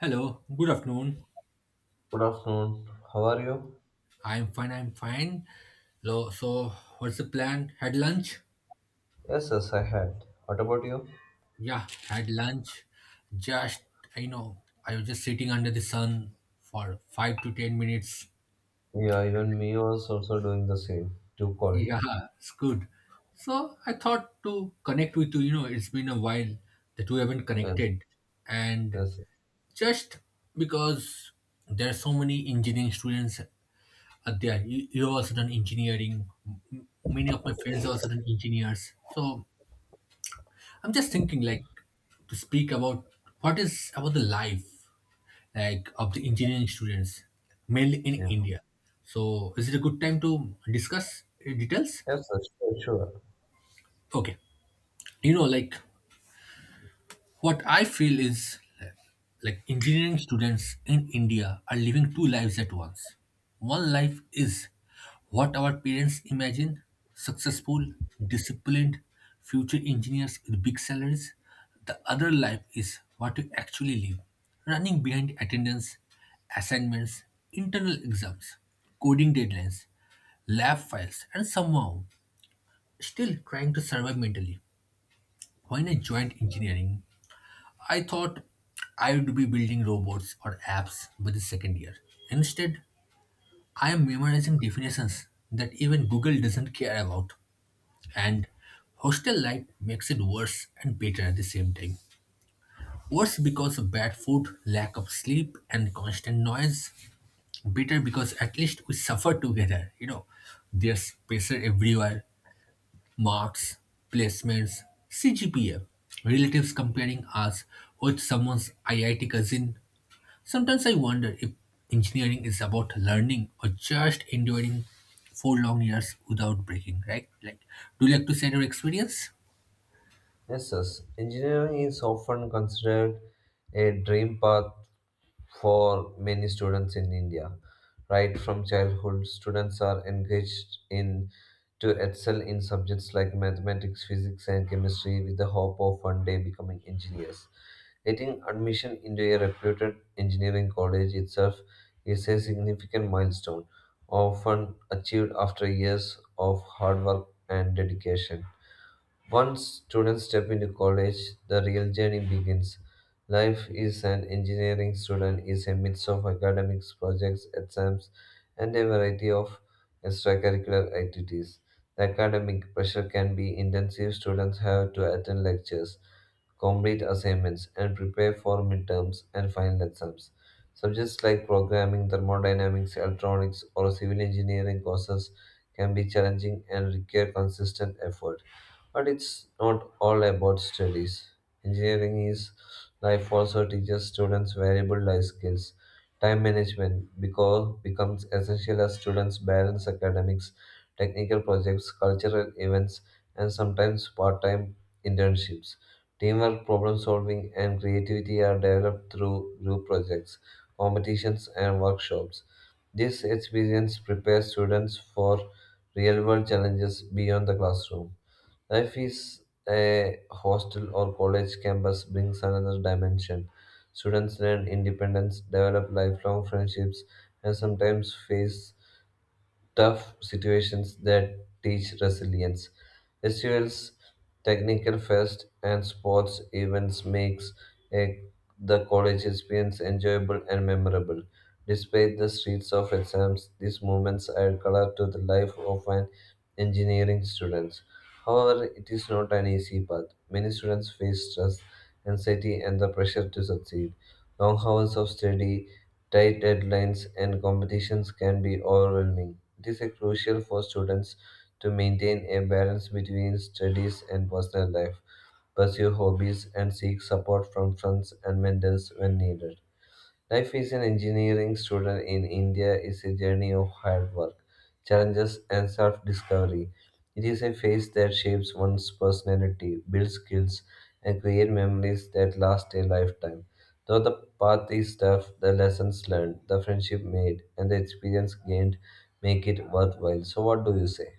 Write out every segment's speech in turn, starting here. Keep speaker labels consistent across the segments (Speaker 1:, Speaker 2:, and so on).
Speaker 1: Hello, good afternoon.
Speaker 2: Good afternoon. How are you?
Speaker 1: I'm fine. So, what's the plan? Had lunch?
Speaker 2: Yes, yes, I had. What about you?
Speaker 1: Yeah, had lunch. Just, I know, I was just sitting under the sun for 5 to 10 minutes.
Speaker 2: Yeah, even me was also doing the same. Too cold.
Speaker 1: Yeah, it's good. So, I thought to connect with you. It's been a while that we haven't
Speaker 2: Yes,
Speaker 1: connected. And
Speaker 2: yes,
Speaker 1: just because there are so many engineering students, Adya. You also done engineering. Many of my friends are also done engineers. So I'm just thinking, to speak about what is about the life like of the engineering students, mainly in
Speaker 2: yeah.
Speaker 1: India. So is it a good time to discuss details?
Speaker 2: Yes, sir, sure, sure.
Speaker 1: Okay, you know, like, what I feel is like engineering students in India are living two lives at once. One life is what our parents imagine, successful, disciplined, future engineers with big salaries. The other life is what we actually live, running behind attendance, assignments, internal exams, coding deadlines, lab files, and somehow still trying to survive mentally. When I joined engineering, I thought I would be building robots or apps by the second year. Instead, I am memorizing definitions that even Google doesn't care about. And hostel life makes it worse and better at the same time. Worse because of bad food, lack of sleep, and constant noise. Better because at least we suffer together. You know, there's pressure everywhere, marks, placements, CGPA, relatives comparing us with someone's IIT cousin. Sometimes I wonder if engineering is about learning or just enduring four long years without breaking, right? Like, do you like to share your experience?
Speaker 2: Yes, yes. Engineering is often considered a dream path for many students in India. Right from childhood, students are engaged in to excel in subjects like mathematics, physics, and chemistry with the hope of one day becoming engineers. Getting admission into a reputed engineering college itself is a significant milestone, often achieved after years of hard work and dedication. Once students step into college, the real journey begins. Life is an engineering student is a mix of academics, projects, exams, and a variety of extracurricular activities. The academic pressure can be intensive. Students have to attend lectures, complete assignments, and prepare for midterms and final exams. Subjects like programming, thermodynamics, electronics, or civil engineering courses can be challenging and require consistent effort. But it's not all about studies. Engineering is life also teaches students valuable life skills. Time management because becomes essential as students balance academics, technical projects, cultural events, and sometimes part-time internships. Teamwork, problem solving, and creativity are developed through group projects, competitions, and workshops. This experience prepares students for real world challenges beyond the classroom. Life is a hostel or college campus brings another dimension. Students learn independence, develop lifelong friendships, and sometimes face tough situations that teach resilience. Festivals, technical fest, and sports events makes a, the college experience enjoyable and memorable. Despite the streets of exams, these moments add color to the life of an engineering student. However, it is not an easy path. Many students face stress, anxiety, and the pressure to succeed. Long hours of study, tight deadlines, and competitions can be overwhelming. It is crucial for students to maintain a balance between studies and personal life, pursue hobbies, and seek support from friends and mentors when needed. Life as an engineering student in India is a journey of hard work, challenges, and self discovery. It is a phase that shapes one's personality, builds skills, and creates memories that last a lifetime. Though the path is tough, the lessons learned, the friendship made, and the experience gained make it worthwhile. So, what do you say?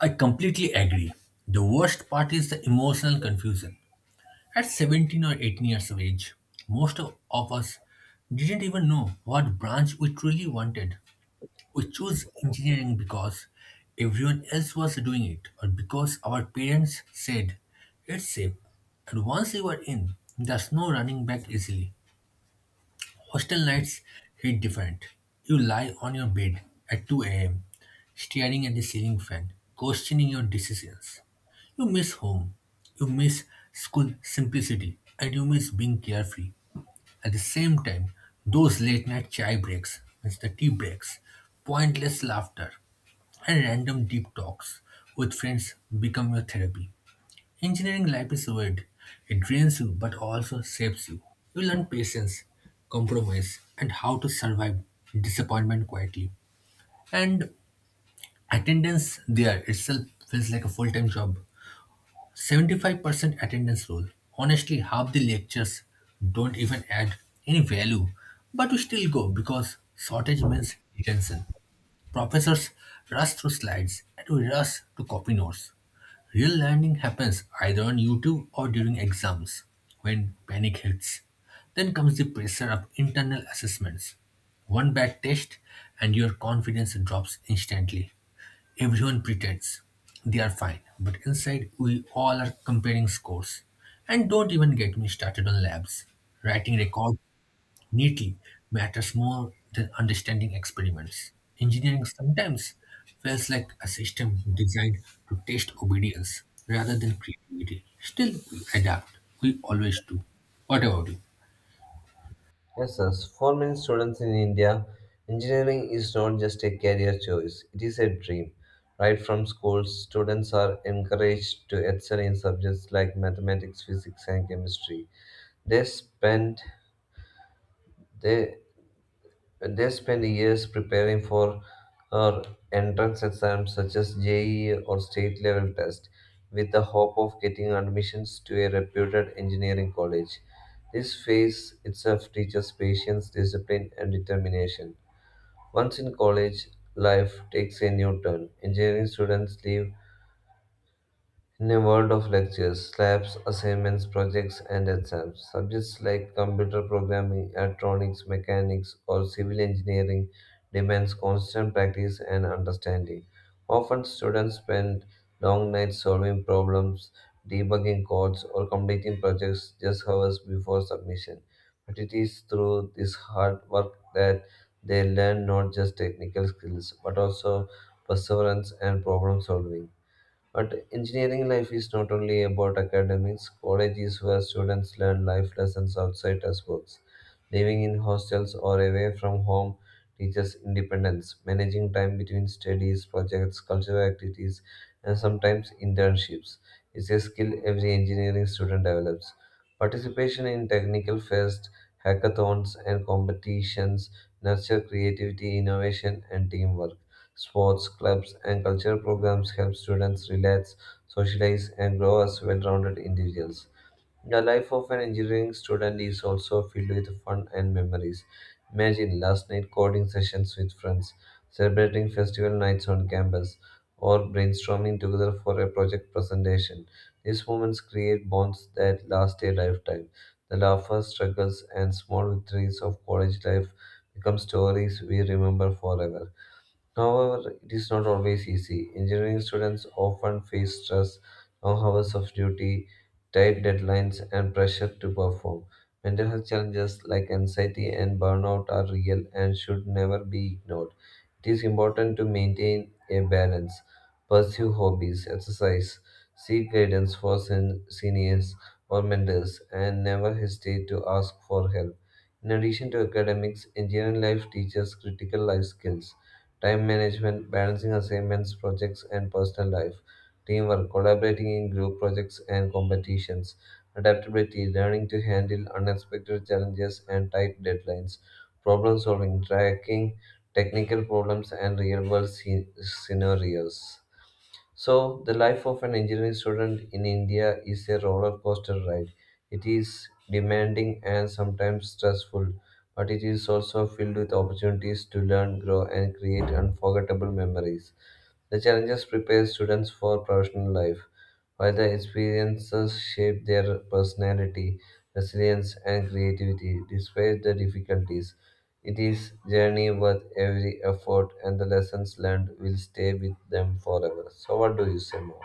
Speaker 1: I completely agree. The worst part is the emotional confusion. At 17 or 18 years of age, most of us didn't even know what branch we truly wanted. We choose engineering because everyone else was doing it or because our parents said it's safe. And once you are in, there's no running back easily. Hostel nights hit different. You lie on your bed at 2 a.m., staring at the ceiling fan, questioning your decisions. You miss home, you miss school simplicity, and you miss being carefree. At the same time, those late night chai breaks, means the tea breaks, pointless laughter, and random deep talks with friends become your therapy. Engineering life is weird. It drains you but also shapes you. You learn patience, compromise, and how to survive disappointment quietly. And attendance there itself feels like a full time job. 75% attendance rule. Honestly, half the lectures don't even add any value, but we still go because shortage means detention. Professors rush through slides and we rush to copy notes. Real learning happens either on YouTube or during exams when panic hits. Then comes the pressure of internal assessments. One bad test and your confidence drops instantly. Everyone pretends they are fine, but inside we all are comparing scores. And don't even get me started on labs, writing record neatly matters more than understanding experiments. Engineering sometimes feels like a system designed to test obedience rather than creativity. Still, we adapt. We always do. What about you?
Speaker 2: Yes, yes. For many students in India, engineering is not just a career choice, it is a dream. Right from school, students are encouraged to excel in subjects like mathematics, physics, and chemistry. They spend they they spend years preparing for uh, entrance exams such as JEE or state level test with the hope of getting admissions to a reputed engineering college. This phase itself teaches patience, discipline, and determination. Once in college, life takes a new turn. Engineering students leave in a world of lectures, labs, assignments, projects, and exams, subjects like computer programming, electronics, mechanics, or civil engineering demands constant practice and understanding. Often, students spend long nights solving problems, debugging codes, or completing projects just hours before submission. But it is through this hard work that they learn not just technical skills but also perseverance and problem solving. But engineering life is not only about academics, college is where students learn life lessons outside textbooks. Living in hostels or away from home teaches independence, managing time between studies, projects, cultural activities, and sometimes internships. Is a skill every engineering student develops. Participation in technical fest, hackathons, and competitions nurture creativity, innovation, and teamwork. Sports, clubs, and cultural programs help students relax, socialize, and grow as well rounded individuals. The life of an engineering student is also filled with fun and memories. Imagine last night coding sessions with friends, celebrating festival nights on campus, or brainstorming together for a project presentation. These moments create bonds that last a lifetime. The laughter, struggles, and small victories of college life become stories we remember forever. However, it is not always easy. Engineering students often face stress, long hours of duty, tight deadlines, and pressure to perform. Mental health challenges like anxiety and burnout are real and should never be ignored. It is important to maintain a balance, pursue hobbies, exercise, seek guidance for seniors or mentors, and never hesitate to ask for help. In addition to academics, engineering life teaches critical life skills time management, balancing assignments, projects, and personal life, teamwork, collaborating in group projects and competitions, adaptability, learning to handle unexpected challenges and tight deadlines, problem solving, tracking technical problems and real world scenarios. So, the life of an engineering student in India is a roller coaster ride. It is demanding and sometimes stressful, but it is also filled with opportunities to learn, grow, and create unforgettable memories. The challenges prepare students for professional life, while the experiences shape their personality, resilience, and creativity. Despite the difficulties, it is journey worth every effort, and the lessons learned will stay with them forever. So, what do you say more?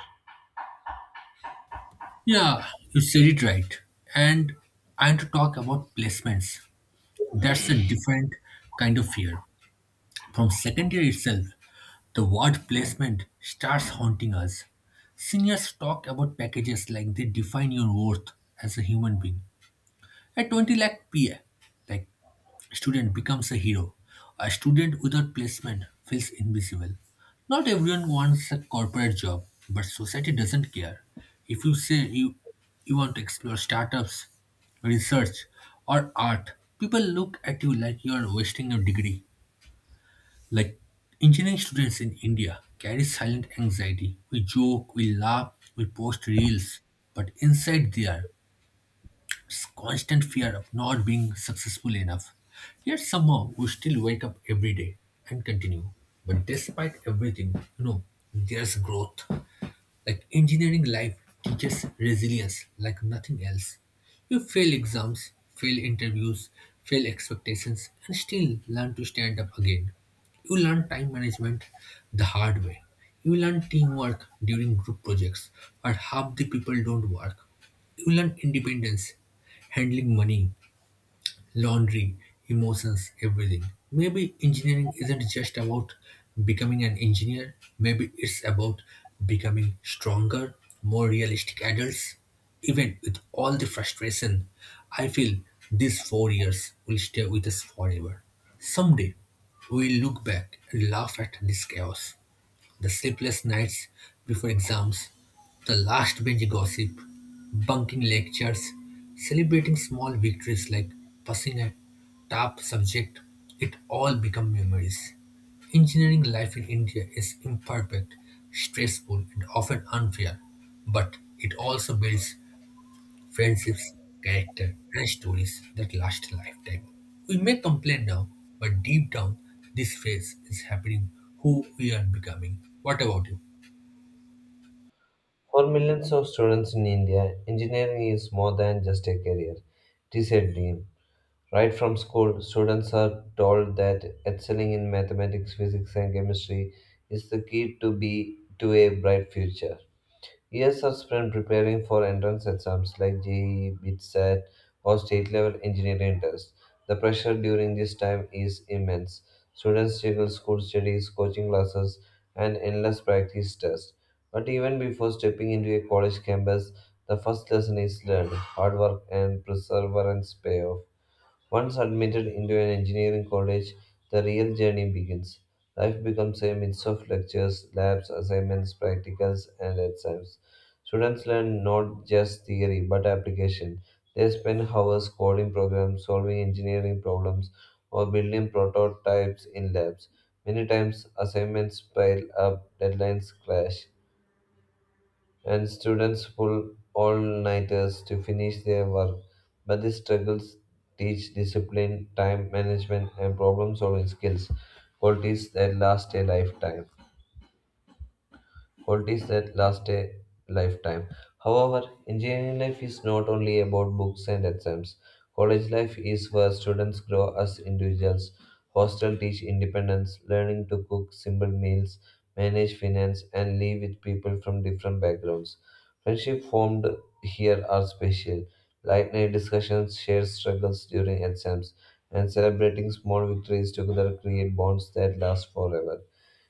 Speaker 1: Yeah, you said it right. And I want to talk about placements. That's a different kind of fear. From second year itself, the word placement starts haunting us. Seniors talk about packages like they define your worth as a human being. At 20 lakh PA, like, student becomes a hero. A student without placement feels invisible. Not everyone wants a corporate job, but society doesn't care. If you say you want to explore startups, research, or art, people look at you like you are wasting your degree. Like engineering students in India carry silent anxiety. We joke, we laugh, we post reels, but inside they are it's constant fear of not being successful enough. Yet somehow we still wake up every day and continue. But despite everything, you know, there's growth. Like engineering life teaches resilience like nothing else. You fail exams, fail interviews, fail expectations, and still learn to stand up again. You learn time management the hard way. You learn teamwork during group projects where half the people don't work. You learn independence, handling money, laundry, emotions, everything. Maybe engineering isn't just about becoming an engineer, maybe it's about becoming stronger, more realistic adults. Even with all the frustration, I feel these 4 years will stay with us forever. Someday, we'll look back and laugh at this chaos, the sleepless nights before exams, the last bench gossip, bunking lectures, celebrating small victories like passing a tough subject, it all become memories. Engineering life in India is imperfect, stressful, and often unfair, but it also builds friendships, character, and stories that last a lifetime. We may complain now, but deep down, this phase is happening who we are becoming. What about you?
Speaker 2: For millions of students in India, engineering is more than just a career. It is a dream, Right from school, students are told that excelling in mathematics, physics, and chemistry is the key to be to a bright future. Years are spent preparing for entrance exams like JEE, BITSAT, or state level engineering tests. The pressure during this time is immense. Students juggle school studies, coaching classes, and endless practice tests. But even before stepping into a college campus, the first lesson is learned: hard work and perseverance pay off. Once admitted into an engineering college, the real journey begins. Life becomes a mix of lectures, labs, assignments, practicals, and exams. Students learn not just theory but application. They spend hours coding programs, solving engineering problems, or building prototypes in labs. Many times, assignments pile up, deadlines clash, and students pull all nighters to finish their work. But these struggles teach discipline, time management, and problem solving skills, qualities that last a lifetime. What is that last a lifetime. However, engineering life is not only about books and exams. College life is where students grow as individuals. Hostel teach independence, learning to cook simple meals, manage finance, and live with people from different backgrounds. Friendship formed here are special. Late night discussions, shared struggles during exams, and celebrating small victories together create bonds that last forever.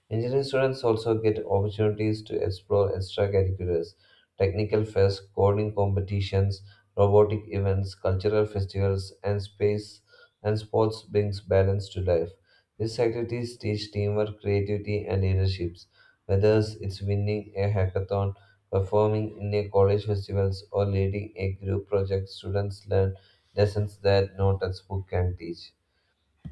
Speaker 2: Engineering students also get opportunities to explore extracurriculars, technical fairs, coding competitions, robotic events, cultural festivals, and space and sports brings balance to life. These activities teach teamwork, creativity, and leaderships. Whether it's winning a hackathon, performing in a college festivals, or leading a group project, students learn lessons that no textbook can teach.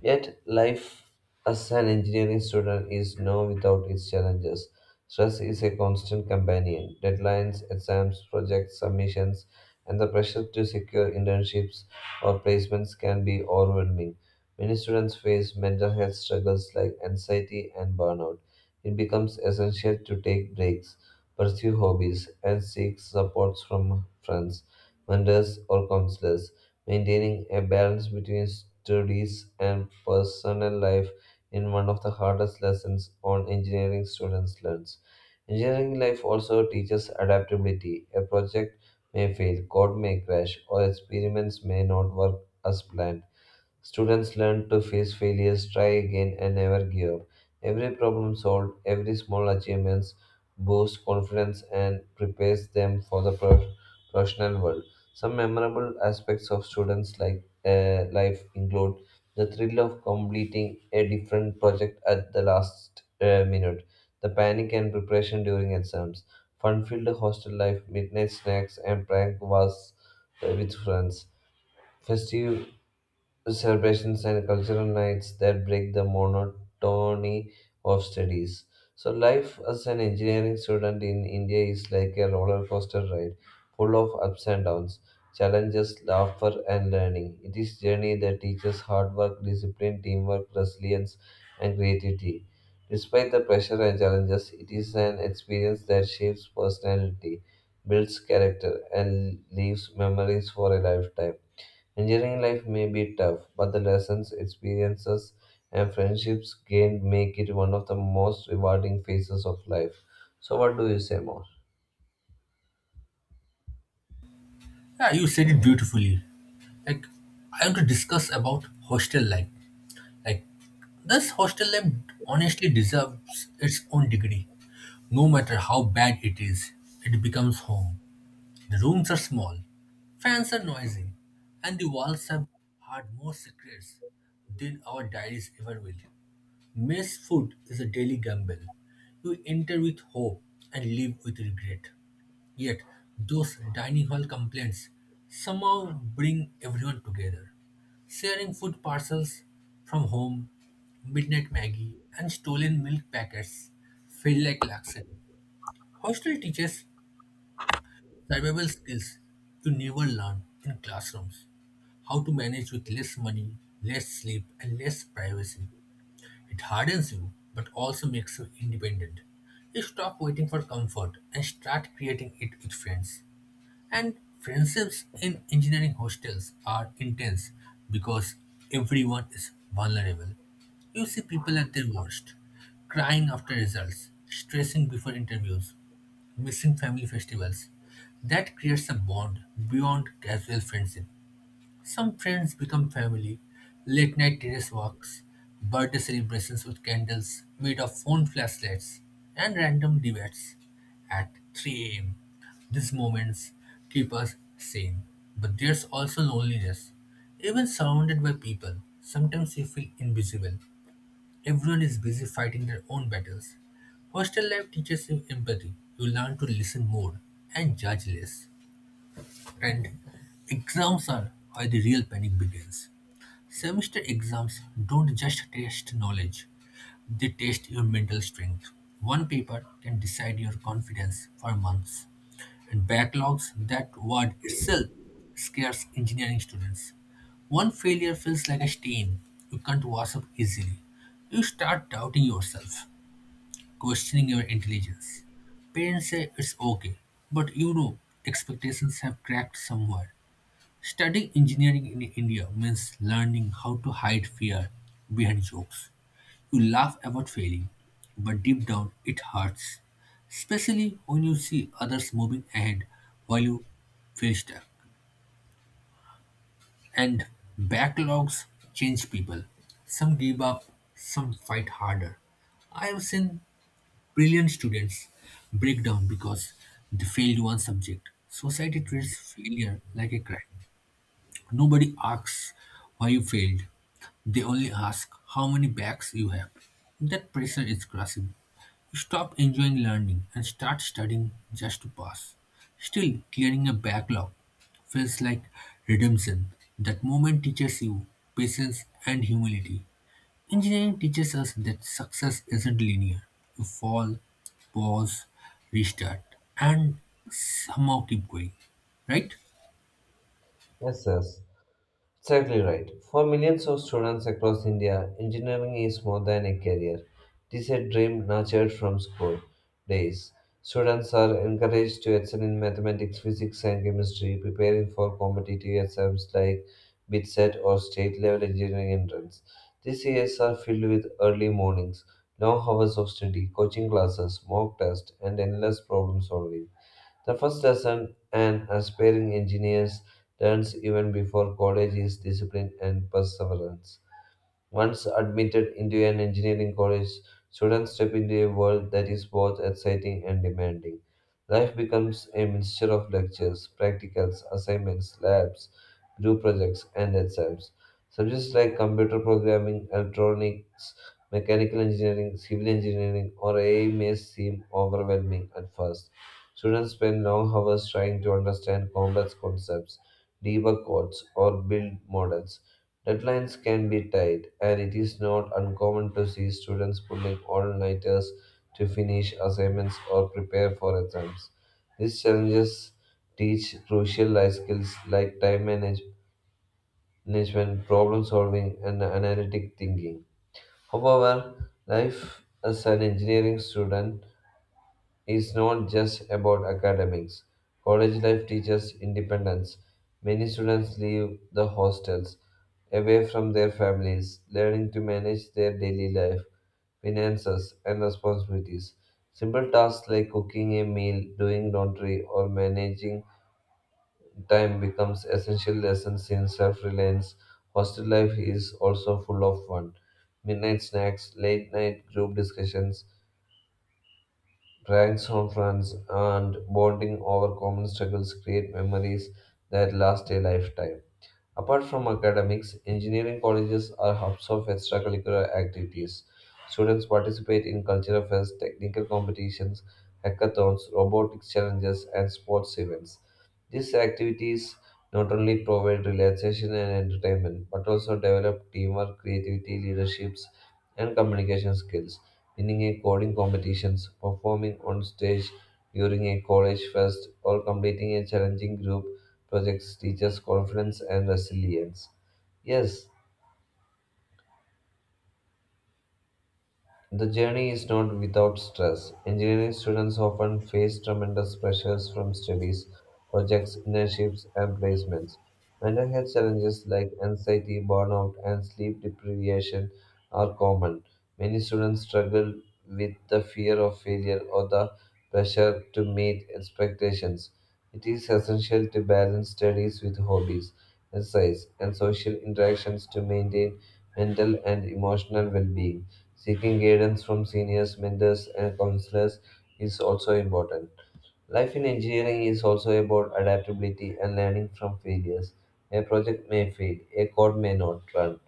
Speaker 2: Yet, life as an engineering student is no without its challenges. Stress is a constant companion. Deadlines, exams, projects, submissions, and the pressure to secure internships or placements can be overwhelming. Many students face mental health struggles like anxiety and burnout. It becomes essential to take breaks, pursue hobbies, and seek supports from friends, mentors, or counselors. Maintaining a balance between studies and personal life is one of the hardest lessons on engineering students learns. Engineering life also teaches adaptability. A project may fail, code may crash, or experiments may not work as planned Students learn to face failures, try again, and never give up. Every problem solved, every small achievements boosts confidence and prepares them for the professional world. Some memorable aspects of students' like life include the thrill of completing a different project at the last minute, the panic and preparation during exams, fun-filled hostel life, midnight snacks, and prank wars with friends festive celebrations and cultural nights that break the monotony of studies. So, life as an engineering student in India is like a roller coaster ride, full of ups and downs, challenges, laughter, and learning. It is journey that teaches hard work, discipline, teamwork, resilience, and creativity. Despite the pressure and challenges, it is an experience that shapes personality, builds character, and leaves memories for a lifetime. Engineering life may be tough, but the lessons, experiences, and friendships gained make it one of the most rewarding phases of life. So, what do you say more?
Speaker 1: Yeah, you said it beautifully. Like, I want to discuss about hostel life. Like, this hostel life honestly deserves its own degree. No matter how bad it is, it becomes home. The rooms are small, fans are noisy, and the walls have hard more secrets than our diaries ever will. Mess food is a daily gamble. You enter with hope and leave with regret. Yet, those dining hall complaints somehow bring everyone together. Sharing food parcels from home, midnight Maggie, and stolen milk packets feel like luxury. Hostel teaches survival skills you never learn in classrooms. How to manage with less money, less sleep, and less privacy. It hardens you, but also makes you independent. You stop waiting for comfort and start creating it with friends. And friendships in engineering hostels are intense because everyone is vulnerable. You see people at their worst, crying after results, stressing before interviews, missing family festivals. That creates a bond beyond casual friendship. Some friends become family. Late night terrace walks, birthday celebrations with candles made of phone flashlights, and random debates at 3 am. These moments keep us sane, but there's also loneliness. Even surrounded by people, sometimes you feel invisible. Everyone is busy fighting their own battles. Hostel life teaches you empathy. You learn to listen more and judge less. And exams are where the real panic begins. Semester exams don't just test knowledge, they test your mental strength. One paper can decide your confidence for months. And backlogs, that word itself scares engineering students. One failure feels like a stain you can't wash up easily. You start doubting yourself, questioning your intelligence. Parents say it's okay, but you know expectations have cracked somewhere. Studying engineering in India means learning how to hide fear behind jokes. You laugh about failing, but deep down it hurts, especially when you see others moving ahead while you feel stuck. And backlogs change people. Some give up, some fight harder. I have seen brilliant students break down because they failed one subject. Society treats failure like a crime. Nobody asks why you failed. They only ask how many backs you have. That pressure is crushing. You stop enjoying learning and start studying just to pass. Still, clearing a backlog feels like redemption. That moment teaches you patience and humility. Engineering teaches us that success isn't linear. You fall, pause, restart, and somehow keep going. Right?
Speaker 2: Yes, yes. Exactly right. For millions of students across India, engineering is more than a career. It is a dream nurtured from school days. Students are encouraged to excel in mathematics, physics, and chemistry, preparing for competitive exams like BITSET or state level engineering entrance. These years are filled with early mornings, long hours of study, coaching classes, mock tests, and endless problem solving. The first lesson an aspiring engineer learns even before college is discipline and perseverance. Once admitted into an engineering college, students step into a world that is both exciting and demanding. Life becomes a mixture of lectures, practicals, assignments, labs, group projects, and exams. Subjects like computer programming, electronics, mechanical engineering, civil engineering, or AI may seem overwhelming at first. Students spend long hours trying to understand complex concepts, debug codes, or build models. Deadlines can be tight, and it is not uncommon to see students pulling all nighters to finish assignments or prepare for exams. These challenges teach crucial life skills like time management, problem solving, and analytic thinking. However, life as an engineering student it's not just about academics. College life teaches independence. Many students leave the hostels away from their families, learning to manage their daily life, finances, and responsibilities. Simple tasks like cooking a meal, doing laundry, or managing time becomes essential lessons in self-reliance. Hostel life is also full of fun. Midnight snacks, late night group discussions, pranks on friends and bonding over common struggles create memories that last a lifetime. Apart from academics, engineering colleges are hubs of extracurricular activities. Students participate in cultural fairs, technical competitions, hackathons, robotics challenges, and sports events. These activities not only provide relaxation and entertainment, but also develop teamwork, creativity, leaderships, and communication skills. Winning a coding competitions, performing on stage during a college fest, or completing a challenging group projects teaches confidence and resilience. Yes, the journey is not without stress. Engineering students often face tremendous pressures from studies, projects, internships, and placements. Mental health challenges like anxiety, burnout, and sleep deprivation are common. Many students struggle with the fear of failure or the pressure to meet expectations. It is essential to balance studies with hobbies, exercise, and social interactions to maintain mental and emotional well being. Seeking guidance from seniors, mentors, and counselors is also important. Life in engineering is also about adaptability and learning from failures. A project may fail, a code may not run,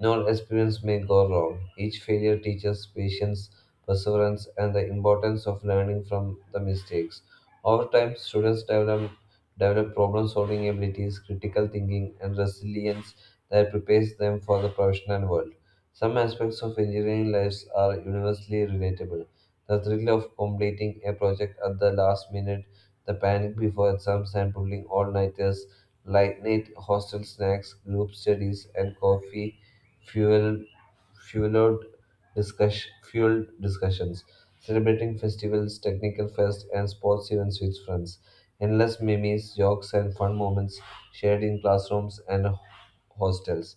Speaker 2: no experience may go wrong. Each failure teaches patience, perseverance, and the importance of learning from the mistakes. Over time, students develop problem solving abilities, critical thinking, and resilience that prepares them for the professional world. Some aspects of engineering lives are universally relatable. The thrill of completing a project at the last minute, the panic before exams and pulling all-nighters, late night hostel snacks, group studies, and coffee fueled fueled fueled discussions, celebrating festivals, technical fest, and sports events with friends, endless memes, jokes, and fun moments shared in classrooms and hostels.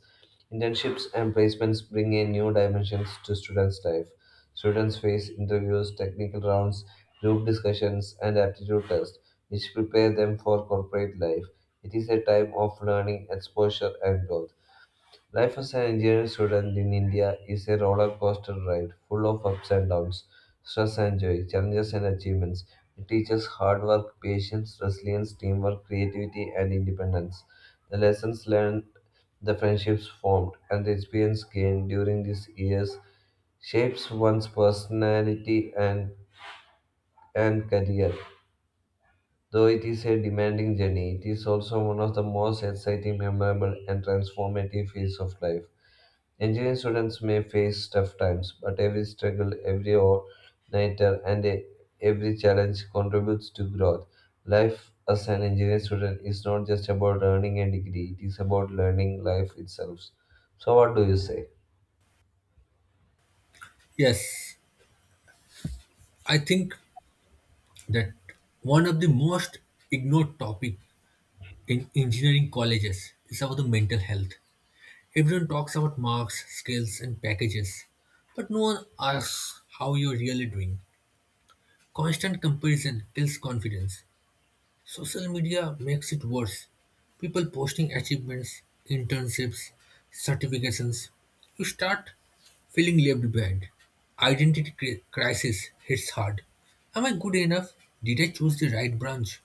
Speaker 2: Internships and placements bring in new dimensions to students' life. Students face interviews, technical rounds, group discussions, and aptitude tests, which prepare them for corporate life. It is a time of learning, exposure, and growth. Life as an engineering student in India is a roller coaster ride full of ups and downs, stress and joy, challenges and achievements. It teaches hard work, patience, resilience, teamwork, creativity, and independence. The lessons learned, the friendships formed, and the experience gained during these years shapes one's personality and career. Though it is a demanding journey, it is also one of the most exciting, memorable, and transformative phases of life. Engineering students may face tough times, but every struggle, every all-nighter, and every challenge contributes to growth. Life as an engineering student is not just about earning a degree, it is about learning life itself. So, what do you say?
Speaker 1: Yes, I think that one of the most ignored topic in engineering colleges is about the mental health. Everyone talks about marks, skills, and packages, but no one asks how you're really doing. Constant comparison kills confidence. Social media makes it worse. People posting achievements, internships, certifications. You start feeling left behind. Identity crisis hits hard. Am I good enough? Did I choose the right branch?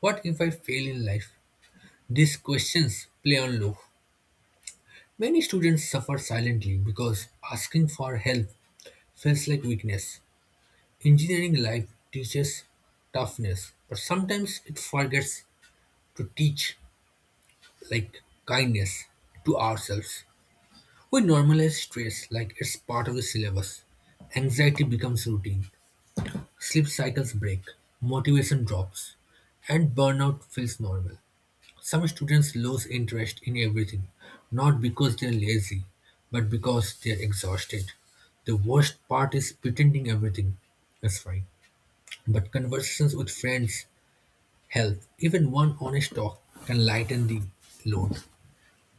Speaker 1: What if I fail in life? These questions play on loop. Many students suffer silently because asking for help feels like weakness. Engineering life teaches toughness, but sometimes it forgets to teach like kindness to ourselves. We normalize stress like it's part of the syllabus. Anxiety becomes routine, sleep cycles break, motivation drops, and burnout feels normal. Some students lose interest in everything, not because they are lazy, but because they are exhausted. The worst part is pretending everything is fine. But conversations with friends help. Even one honest talk can lighten the load.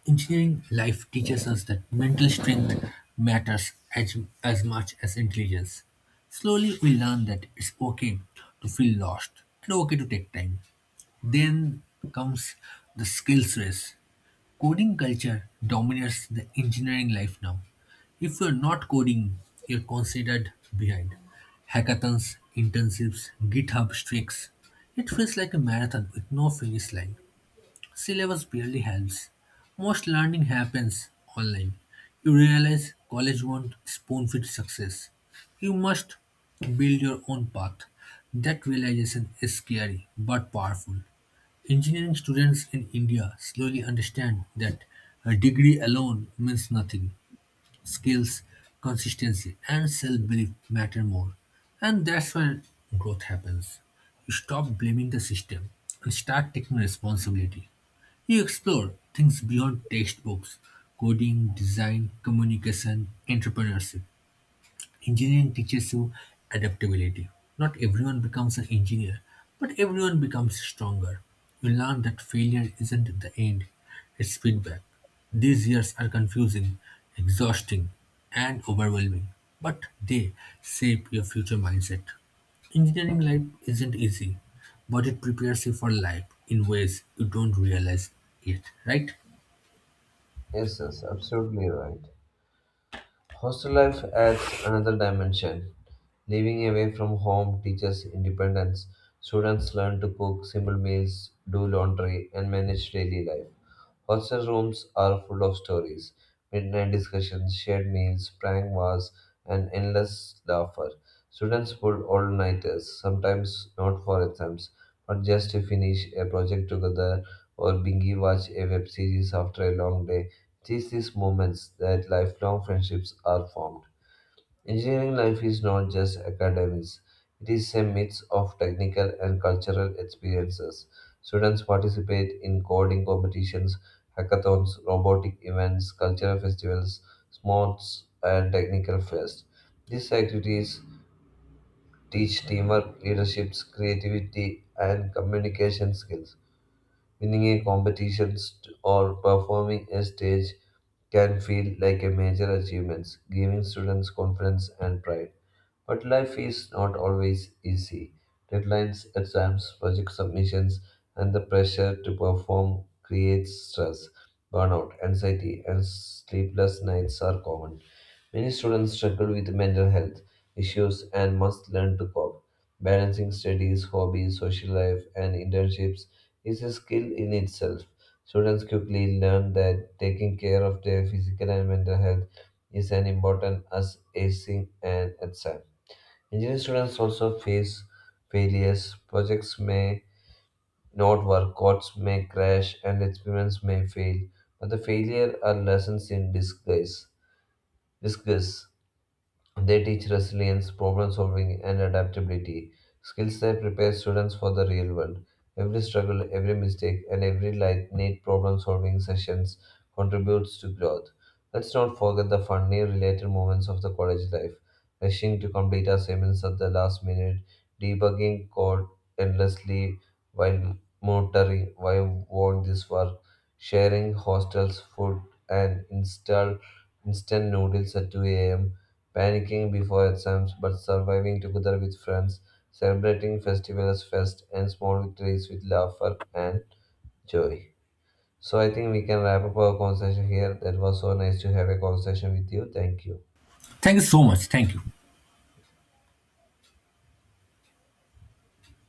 Speaker 1: Engineering life teaches us that mental strength matters as much as intelligence. Slowly, we learn that it's okay to feel lost and okay to take time. Then comes the skills race. Coding culture dominates the engineering life now. If you're not coding, you're considered behind. Hackathons, internships, GitHub streaks. It feels like a marathon with no finish line. Syllabus barely helps. Most learning happens online. You realize college won't spoon feed success. You must build your own path. That realization is scary but powerful. Engineering students in India slowly understand that a degree alone means nothing. Skills, consistency, and self belief matter more. And that's where growth happens. You stop blaming the system and start taking responsibility. You explore things beyond textbooks, coding, design, communication, entrepreneurship. Engineering teaches you adaptability. Not everyone becomes an engineer, but everyone becomes stronger. You learn that failure isn't the end, it's feedback. These years are confusing, exhausting, and overwhelming, but they shape your future mindset. Engineering life isn't easy, but it prepares you for life in ways you don't realize yet, right?
Speaker 2: Yes, yes, absolutely right. Hostel life adds another dimension. Living away from home teaches independence. Students learn to cook simple meals, do laundry, and manage daily life. Hostel rooms are full of stories, midnight discussions, shared meals, prank wars, and endless laughter. Students pull all-nighters, sometimes not for exams, but just to finish a project together or binge watch a web series after a long day. It is these moments that lifelong friendships are formed. Engineering life is not just academics, it is a mix of technical and cultural experiences. Students participate in coding competitions, hackathons, robotic events, cultural festivals, sports, and technical fairs. These activities teach teamwork, leadership, creativity, and communication skills. Winning a competition or performing a stage can feel like a major achievement, giving students confidence and pride. But life is not always easy. Deadlines, exams, project submissions, and the pressure to perform creates stress, burnout, anxiety, and sleepless nights are common. Many students struggle with mental health issues and must learn to cope. Balancing studies, hobbies, social life, and internships is a skill in itself. Students quickly learn that taking care of their physical and mental health is as important as acing an exam. Engineering students also face failures. Projects may not work, codes may crash, and experiments may fail. But the failure are lessons in disguise. Discuss. They teach resilience, problem solving, and adaptability, skills that prepare students for the real world. Every struggle, every mistake, and every light need problem solving sessions contributes to growth. Let's not forget the funny related moments of the college life rushing to complete assignments at the last minute, debugging code endlessly while on this work, sharing hostels, food, and install instant noodles at 2 a.m., panicking before exams but surviving together with friends, celebrating festivals fest and small victories with laughter and joy. So I think we can wrap up our conversation here. That was so nice to have a conversation with you. Thank you.
Speaker 1: Thank you so much. Thank you.